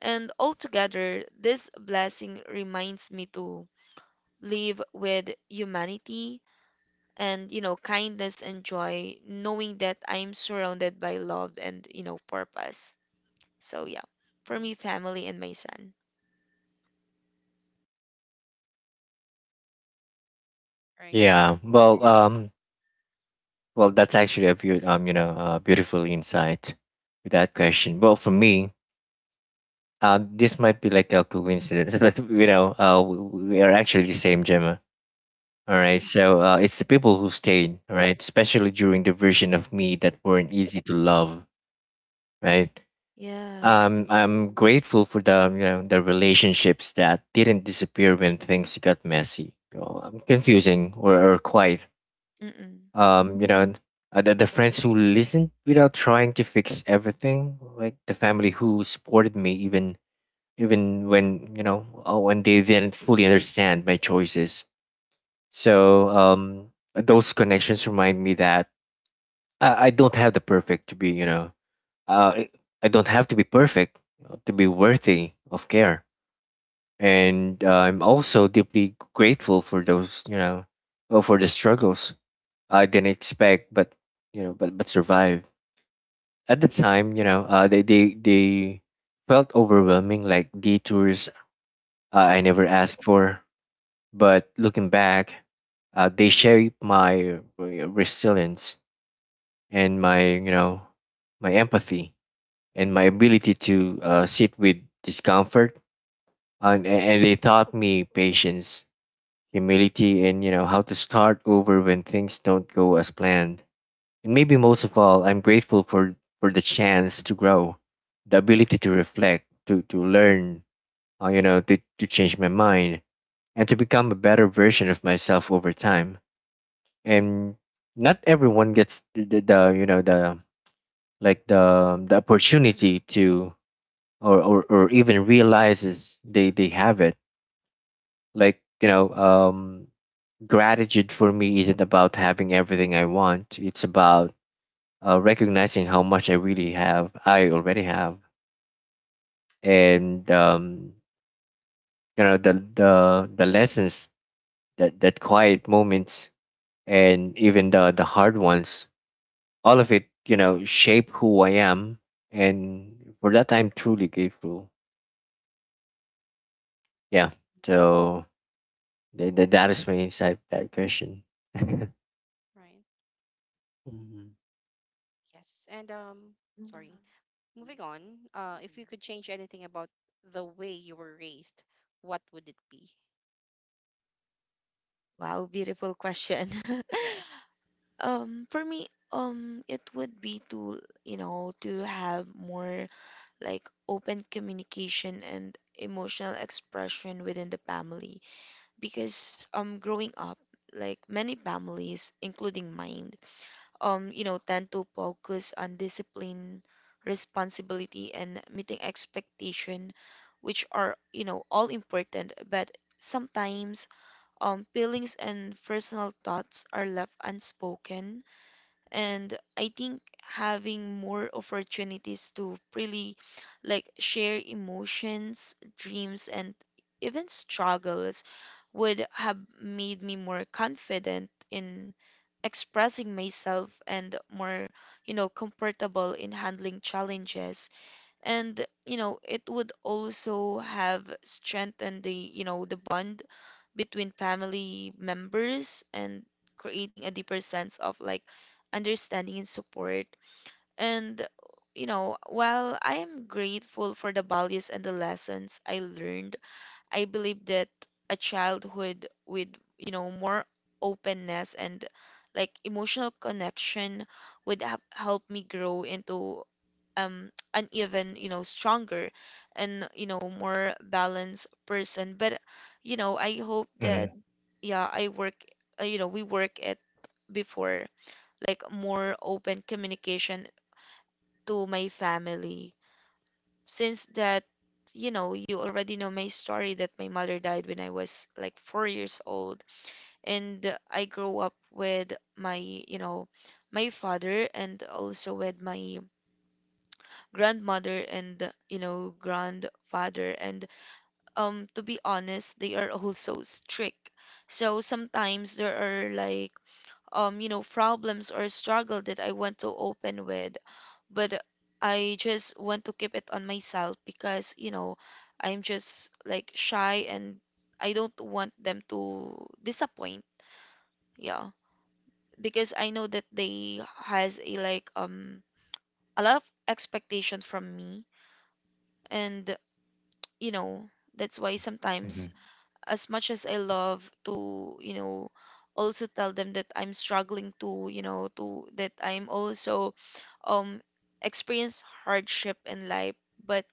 Speaker 3: And altogether this blessing reminds me to live with humanity and you know kindness and joy, knowing that I'm surrounded by love and you know purpose. So yeah, for
Speaker 1: Right.
Speaker 3: me, family and my son.
Speaker 1: Right.
Speaker 2: Yeah.
Speaker 1: And
Speaker 2: Well, well, that's actually a view, you know, beautiful insight with that question. Well, for me, this might be like a coincidence, [laughs] but you know, we are actually the same, Gemma. All right.
Speaker 1: mm,
Speaker 3: Mm,
Speaker 2: So it's the people who stayed, right? Especially during the version of me that weren't easy to love, right?
Speaker 3: yes.
Speaker 2: I'm grateful for the you know the relationships that didn't disappear when things got messy, you know, confusing, or quiet.
Speaker 3: Mm-mm.
Speaker 2: You know, the friends who listened without trying to fix everything, like the family who supported me even, when you know, when they didn't fully understand my choices. So those connections remind me that, I don't have the perfect to be, you know, I don't have to be perfect to be worthy of care. And I'm also deeply grateful for those, you know, for the struggles I didn't expect, but, you know, but survive. At the time, you know, they felt overwhelming, like detours I never asked for. But looking back, they shape my resilience and my, you know, my empathy, and my ability to sit with discomfort, and they taught me patience, humility, and you know how to start over when things don't go as planned. And maybe most of all, I'm grateful for the chance to grow, the ability to reflect, to learn, you know, to change my mind, and to become a better version of myself over time. And not everyone gets the, the you know, the like the opportunity to, or even realizes they have it, like you know. Um, gratitude for me isn't about having everything I want, it's about, recognizing how much I already have. And um, you know the lessons, that quiet moments, and even the hard ones, all of it, you know, shape who I am, and for that, I'm truly grateful. Yeah.
Speaker 1: mm,
Speaker 2: So that is my insight to that question. [laughs] Hmm.
Speaker 1: right.
Speaker 2: Hmm.
Speaker 1: Yes. And Sorry. Moving on. If you could change anything about the way you were raised, what would it be?
Speaker 3: Wow, beautiful question.
Speaker 1: Yes.
Speaker 3: [laughs] For me, it would be to you know to have more like open communication and emotional expression within the family, because growing up, like many families including mine, you know, tend to focus on discipline, responsibility, and meeting expectation, which are, you know, all important, but sometimes feelings and personal thoughts are left unspoken. And I think having more opportunities to really like share emotions, dreams, and even struggles would have made me more confident in expressing myself and more, you know, comfortable in handling challenges. And you know it would also have strengthened the, you know, the bond between family members and creating a deeper sense of like understanding and support. And you know while I am grateful for the values and the lessons I learned, I believe that a childhood with you know more openness and like emotional connection would have helped me grow into an even, you know, stronger and, you know, more balanced person. But, you know, I hope that, yeah, I work, you know, we work it before, like more open communication to my family. Since that, you know, you already know my story that my mother died when I was like 4 years old. And I grew up with my, you know, my father and also with my grandmother and you know grandfather. And to be honest, they are also strict, so sometimes there are like you know problems or struggle that I want to open with, but I just want to keep it on myself, because you know I'm just like shy and I don't want them to disappoint. Yeah, because I know that they has a like a lot of expectation from me. And, you know, that's why sometimes, as much as I love to you know also tell them that I'm struggling to you know to that I'm also um experience hardship in life, but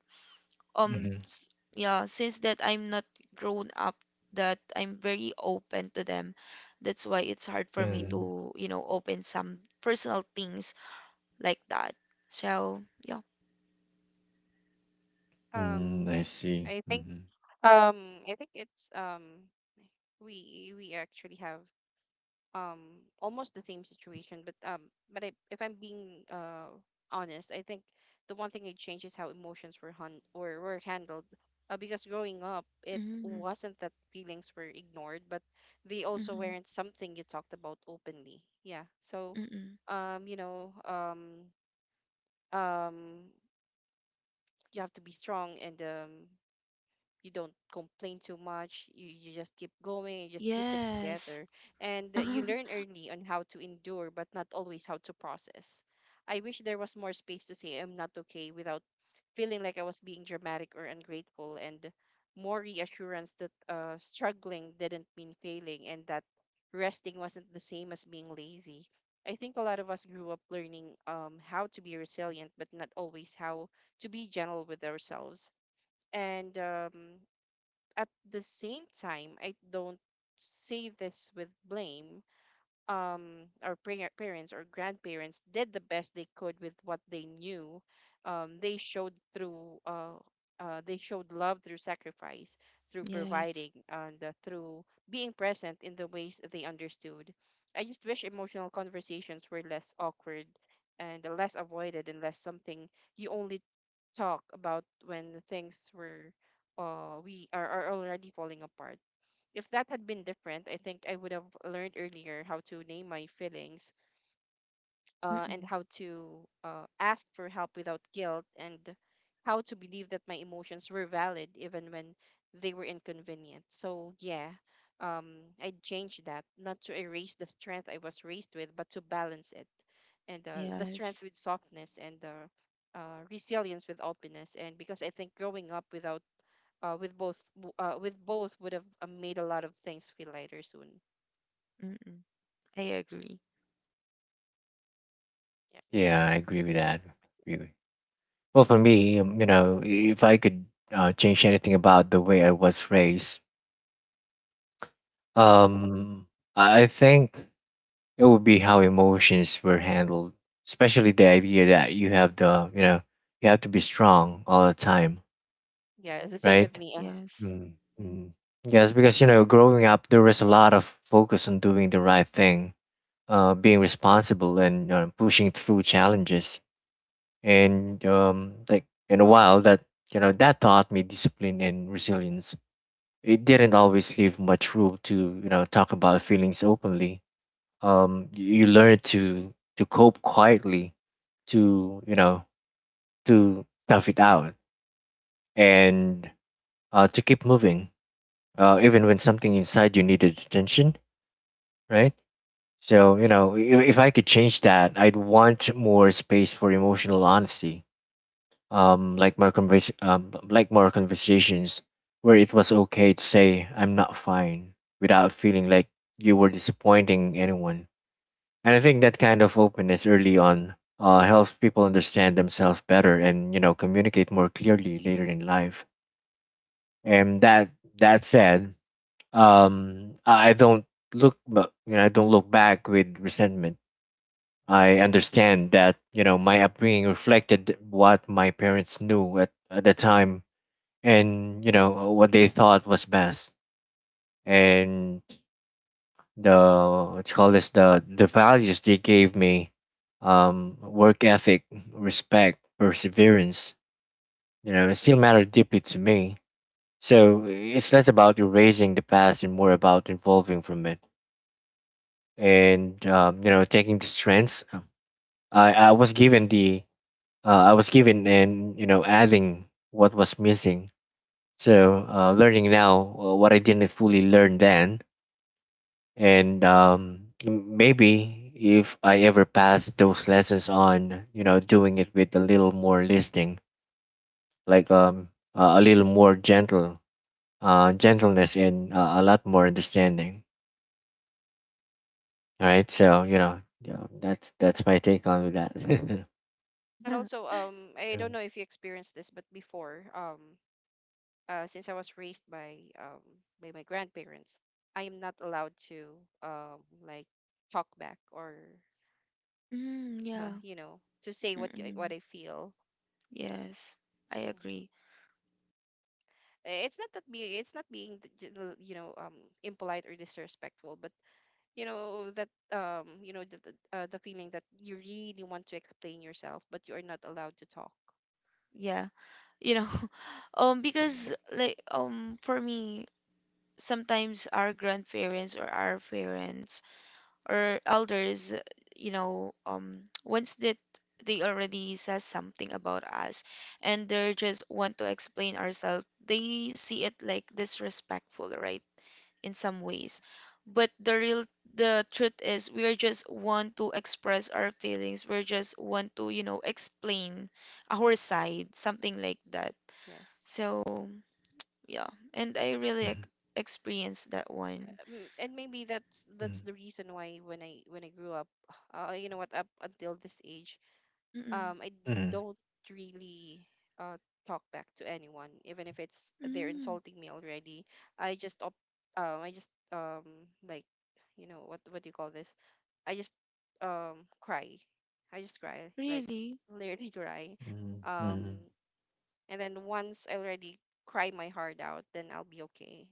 Speaker 3: um
Speaker 2: Mm-hmm.
Speaker 3: s- yeah, since that I'm not grown up that I'm very open to them, that's why it's hard for me
Speaker 2: Mm-hmm.
Speaker 3: to you know open some personal things like that. So yeah.
Speaker 2: Mm, I
Speaker 1: Yeah.
Speaker 2: see.
Speaker 1: I think
Speaker 2: Hmm.
Speaker 1: I think it's we actually have almost the same situation, but if I'm being honest, I think the one thing it changed is how emotions were hun or were handled. Because growing up, it
Speaker 3: Mm-hmm.
Speaker 1: wasn't that feelings were ignored, but they also
Speaker 3: Mm-hmm.
Speaker 1: weren't something you talked about openly. Yeah. So,
Speaker 3: Mm-hmm. Mm-hmm.
Speaker 1: um, you know, um, um, you have to be strong, and you don't complain too much. You just keep going, you just keep it
Speaker 3: Yes.
Speaker 1: together, and you
Speaker 3: [laughs]
Speaker 1: learn early on how to endure, but not always how to process. I wish there was more space to say I'm not okay without feeling like I was being dramatic or ungrateful, and more reassurance that struggling didn't mean failing, and that resting wasn't the same as being lazy. I think a lot of us grew up learning how to be resilient, but not always how to be gentle with ourselves. And at the same time, I don't say this with blame. Our parents or grandparents did the best they could with what they knew. They showed through they showed love through sacrifice, through
Speaker 3: Yes.
Speaker 1: providing, and through being present in the ways they understood. I just wish emotional conversations were less awkward and less avoided and less something you only talk about when things are already falling apart. If that had been different, I think I would have learned earlier how to name my feelings, and
Speaker 3: Mm-mm.
Speaker 1: how to ask for help without guilt, and how to believe that my emotions were valid even when they were inconvenient. So, yeah, I changed that, not to erase the strength I was raised with, but to balance it. And the strength
Speaker 3: Yes.
Speaker 1: with softness, and resilience with openness. And because I think growing up without with both would have made a lot of things feel lighter soon.
Speaker 3: Mm-mm. I agree.
Speaker 1: Yeah,
Speaker 2: Yeah, I agree with that.
Speaker 1: that's my
Speaker 2: Really. Well, for me, you know, if I could change anything about the way I was raised, um, I think it would be how emotions were handled, especially the idea that you have to be strong all the time,
Speaker 1: yeah. It's the same with
Speaker 2: right?
Speaker 1: me. Uh-huh.
Speaker 3: Yes.
Speaker 2: Mm, mm. Yes, because you know, growing up, there was a lot of focus on doing the right thing, being responsible, and pushing through challenges. And like in a while, that, you know, that taught me discipline and resilience. It didn't always leave much room to, you know, talk about feelings openly. You learn to cope quietly, to, you know, to tough it out, and to keep moving, even when something inside you needed attention, right? So, you know, if I could change that, I'd want more space for emotional honesty, like more more conversations where it was okay to say I'm not fine without feeling like you were disappointing anyone. And I think that kind of openness early on helps people understand themselves better and you know communicate more clearly later in life. And that said, um, I don't look, ba- you know, I don't look back with resentment. I understand that you know my upbringing reflected what my parents knew at the time, and you know what they thought was best, and the what you call this, the values they gave me, work ethic, respect, perseverance. You know, it still mattered deeply to me. So it's less about erasing the past and more about evolving from it. And you know, taking the strengths, I was given the I was given, and you know adding what was missing. So learning now what I didn't fully learn then, and maybe if I ever pass those lessons on, you know, doing it with a little more listening, like a little more gentleness, and a lot more understanding. All right, so you know, yeah, that's my take on that.
Speaker 1: And
Speaker 3: [laughs]
Speaker 1: also, I
Speaker 2: [laughs] Yeah.
Speaker 1: don't know if you experienced this, but before, since I was raised by my grandparents, I am not allowed to um like talk back or
Speaker 3: Mm,
Speaker 1: [laughs]
Speaker 3: yeah.
Speaker 1: you know, to say what
Speaker 3: Mm-mm.
Speaker 1: I feel.
Speaker 3: Yes. I
Speaker 1: Mhm.
Speaker 3: agree.
Speaker 1: It's not that be it's not being d- d- l- you know, impolite or disrespectful, but you know the feeling that you really want to explain yourself, but you are not allowed to talk.
Speaker 3: Yeah. You know, [laughs] because like for me, sometimes our grandparents or our parents or elders, [tsk] once that they already says something about us and they just want to explain ourselves, they see it like disrespectful, right? In some
Speaker 1: Mm.
Speaker 3: ways. But the real, the truth is, we're just want to express our feelings. We're just want to, you know, explain our side, something like that.
Speaker 1: Yes.
Speaker 3: So, yeah. And I really experienced that one.
Speaker 1: Mm, and maybe that's
Speaker 2: Mm.
Speaker 1: the reason why when I grew up, you know what, up until this age,
Speaker 3: Mm-mm.
Speaker 1: I
Speaker 2: Mhm.
Speaker 1: don't really uh talk back to anyone, even if it's they're
Speaker 3: Mm,
Speaker 1: insulting me already. I just op- I just like, you know, what do you call this? I just cry. I just cry, like
Speaker 3: really?
Speaker 1: literally [laughs] cry.
Speaker 2: Mhm.
Speaker 1: Um,
Speaker 2: Mhm.
Speaker 1: and then once I already cry my heart out, then I'll be okay.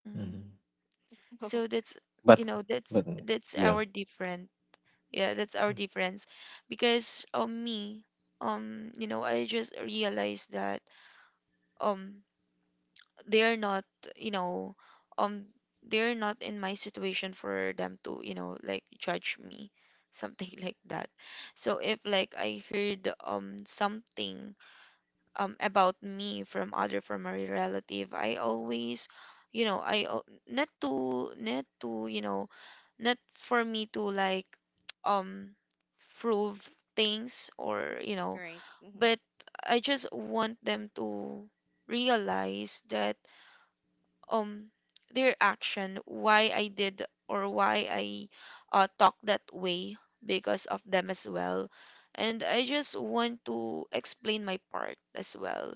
Speaker 3: Mm.
Speaker 2: Mhm.
Speaker 1: [laughs] So
Speaker 3: So you
Speaker 2: But
Speaker 3: know,
Speaker 2: but
Speaker 3: that's
Speaker 2: yeah.
Speaker 3: our different. Yeah,
Speaker 1: yes,
Speaker 3: that's our difference. Because me, you know, I just realized that um they're not, you know, um they're not in my situation for them to you know like judge me something [laughs] like that. So if like I heard something about me from other, from my relative, I always, you know, not to, not to, you know, not for me to like [tsk] um prove things, or you know,
Speaker 1: right.
Speaker 3: but I just want them to realize that um their action, why I did, or why I talk that way, because of them as well. And I just want to explain my part as well,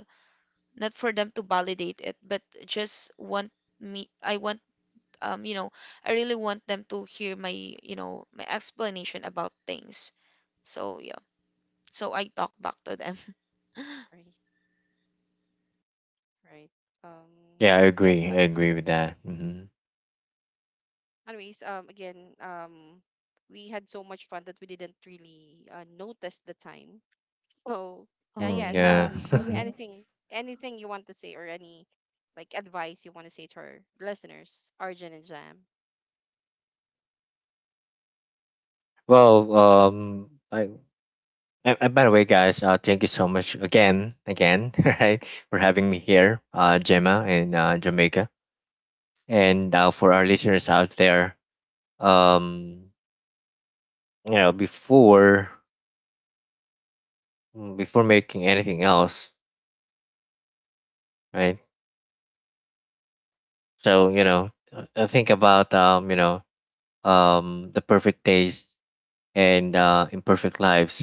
Speaker 3: not for them to validate it, but just want me. I want, you know, I really want them to hear my, you know, my explanation about things. So yeah, so I talk back to them.
Speaker 1: Right, right. Um,
Speaker 2: Yeah, I
Speaker 1: yes.
Speaker 2: agree. I agree with that. Mm-hmm.
Speaker 1: Anyways, we had so much fun that we didn't really notice the time. So,
Speaker 3: [laughs] Oh
Speaker 2: Mm,
Speaker 1: yes.
Speaker 2: yeah.
Speaker 3: yeah.
Speaker 2: [laughs]
Speaker 1: Anything, Anything you want to say, or any like advice you want to say to our listeners, Arjun and Jam?
Speaker 2: Well, I, I, by the way guys, thank you so much again, again, [laughs] right, for having me here, Gemma in Jamaica. And for our listeners out there, um, you know, before, before making anything else, right? So, you
Speaker 1: Yes.
Speaker 2: know, think
Speaker 1: Mhm.
Speaker 2: about, the perfect days and imperfect lives.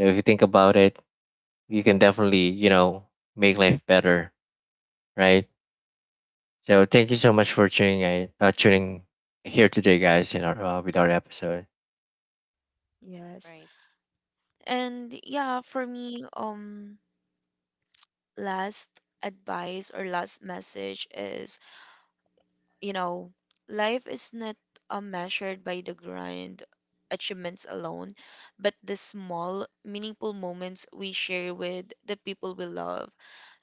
Speaker 2: So if you think about it, you can definitely, you know, make life better, right? So thank you so much for tuning here today, guys, in our, with our episode.
Speaker 3: Yes.
Speaker 1: Right,
Speaker 3: And yeah, for me, last advice or last message is, you know, life is not measured by the grind achievements alone, but the small, meaningful moments we share with the people we love.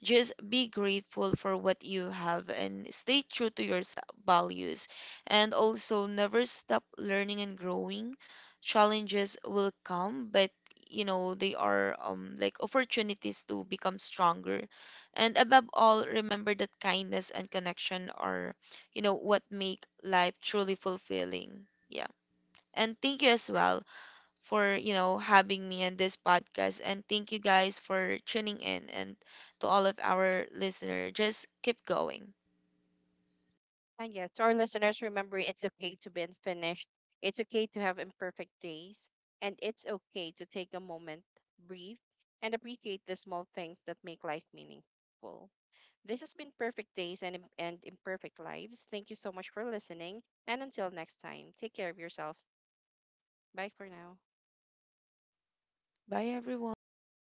Speaker 3: Just be grateful for what you have, and stay true to your values. And also, never stop learning and growing. Challenges will come, but you know they are like opportunities to become stronger. And above all, remember that kindness and connection are, you know, what make life truly fulfilling. Yeah. And thank you as
Speaker 1: right.
Speaker 3: well for, you know, having me on this podcast. And thank you guys for tuning in and to all of our listener. Just keep going.
Speaker 1: And yes, to our listeners, remember it's okay to be unfinished. It's okay to have imperfect days. And it's okay to take a moment, breathe, and appreciate the small things that make life meaningful. This has been Perfect Days and, Imperfect Lives. Thank you so much for listening. And until next time, take care of yourself. Bye for now.
Speaker 3: Bye everyone.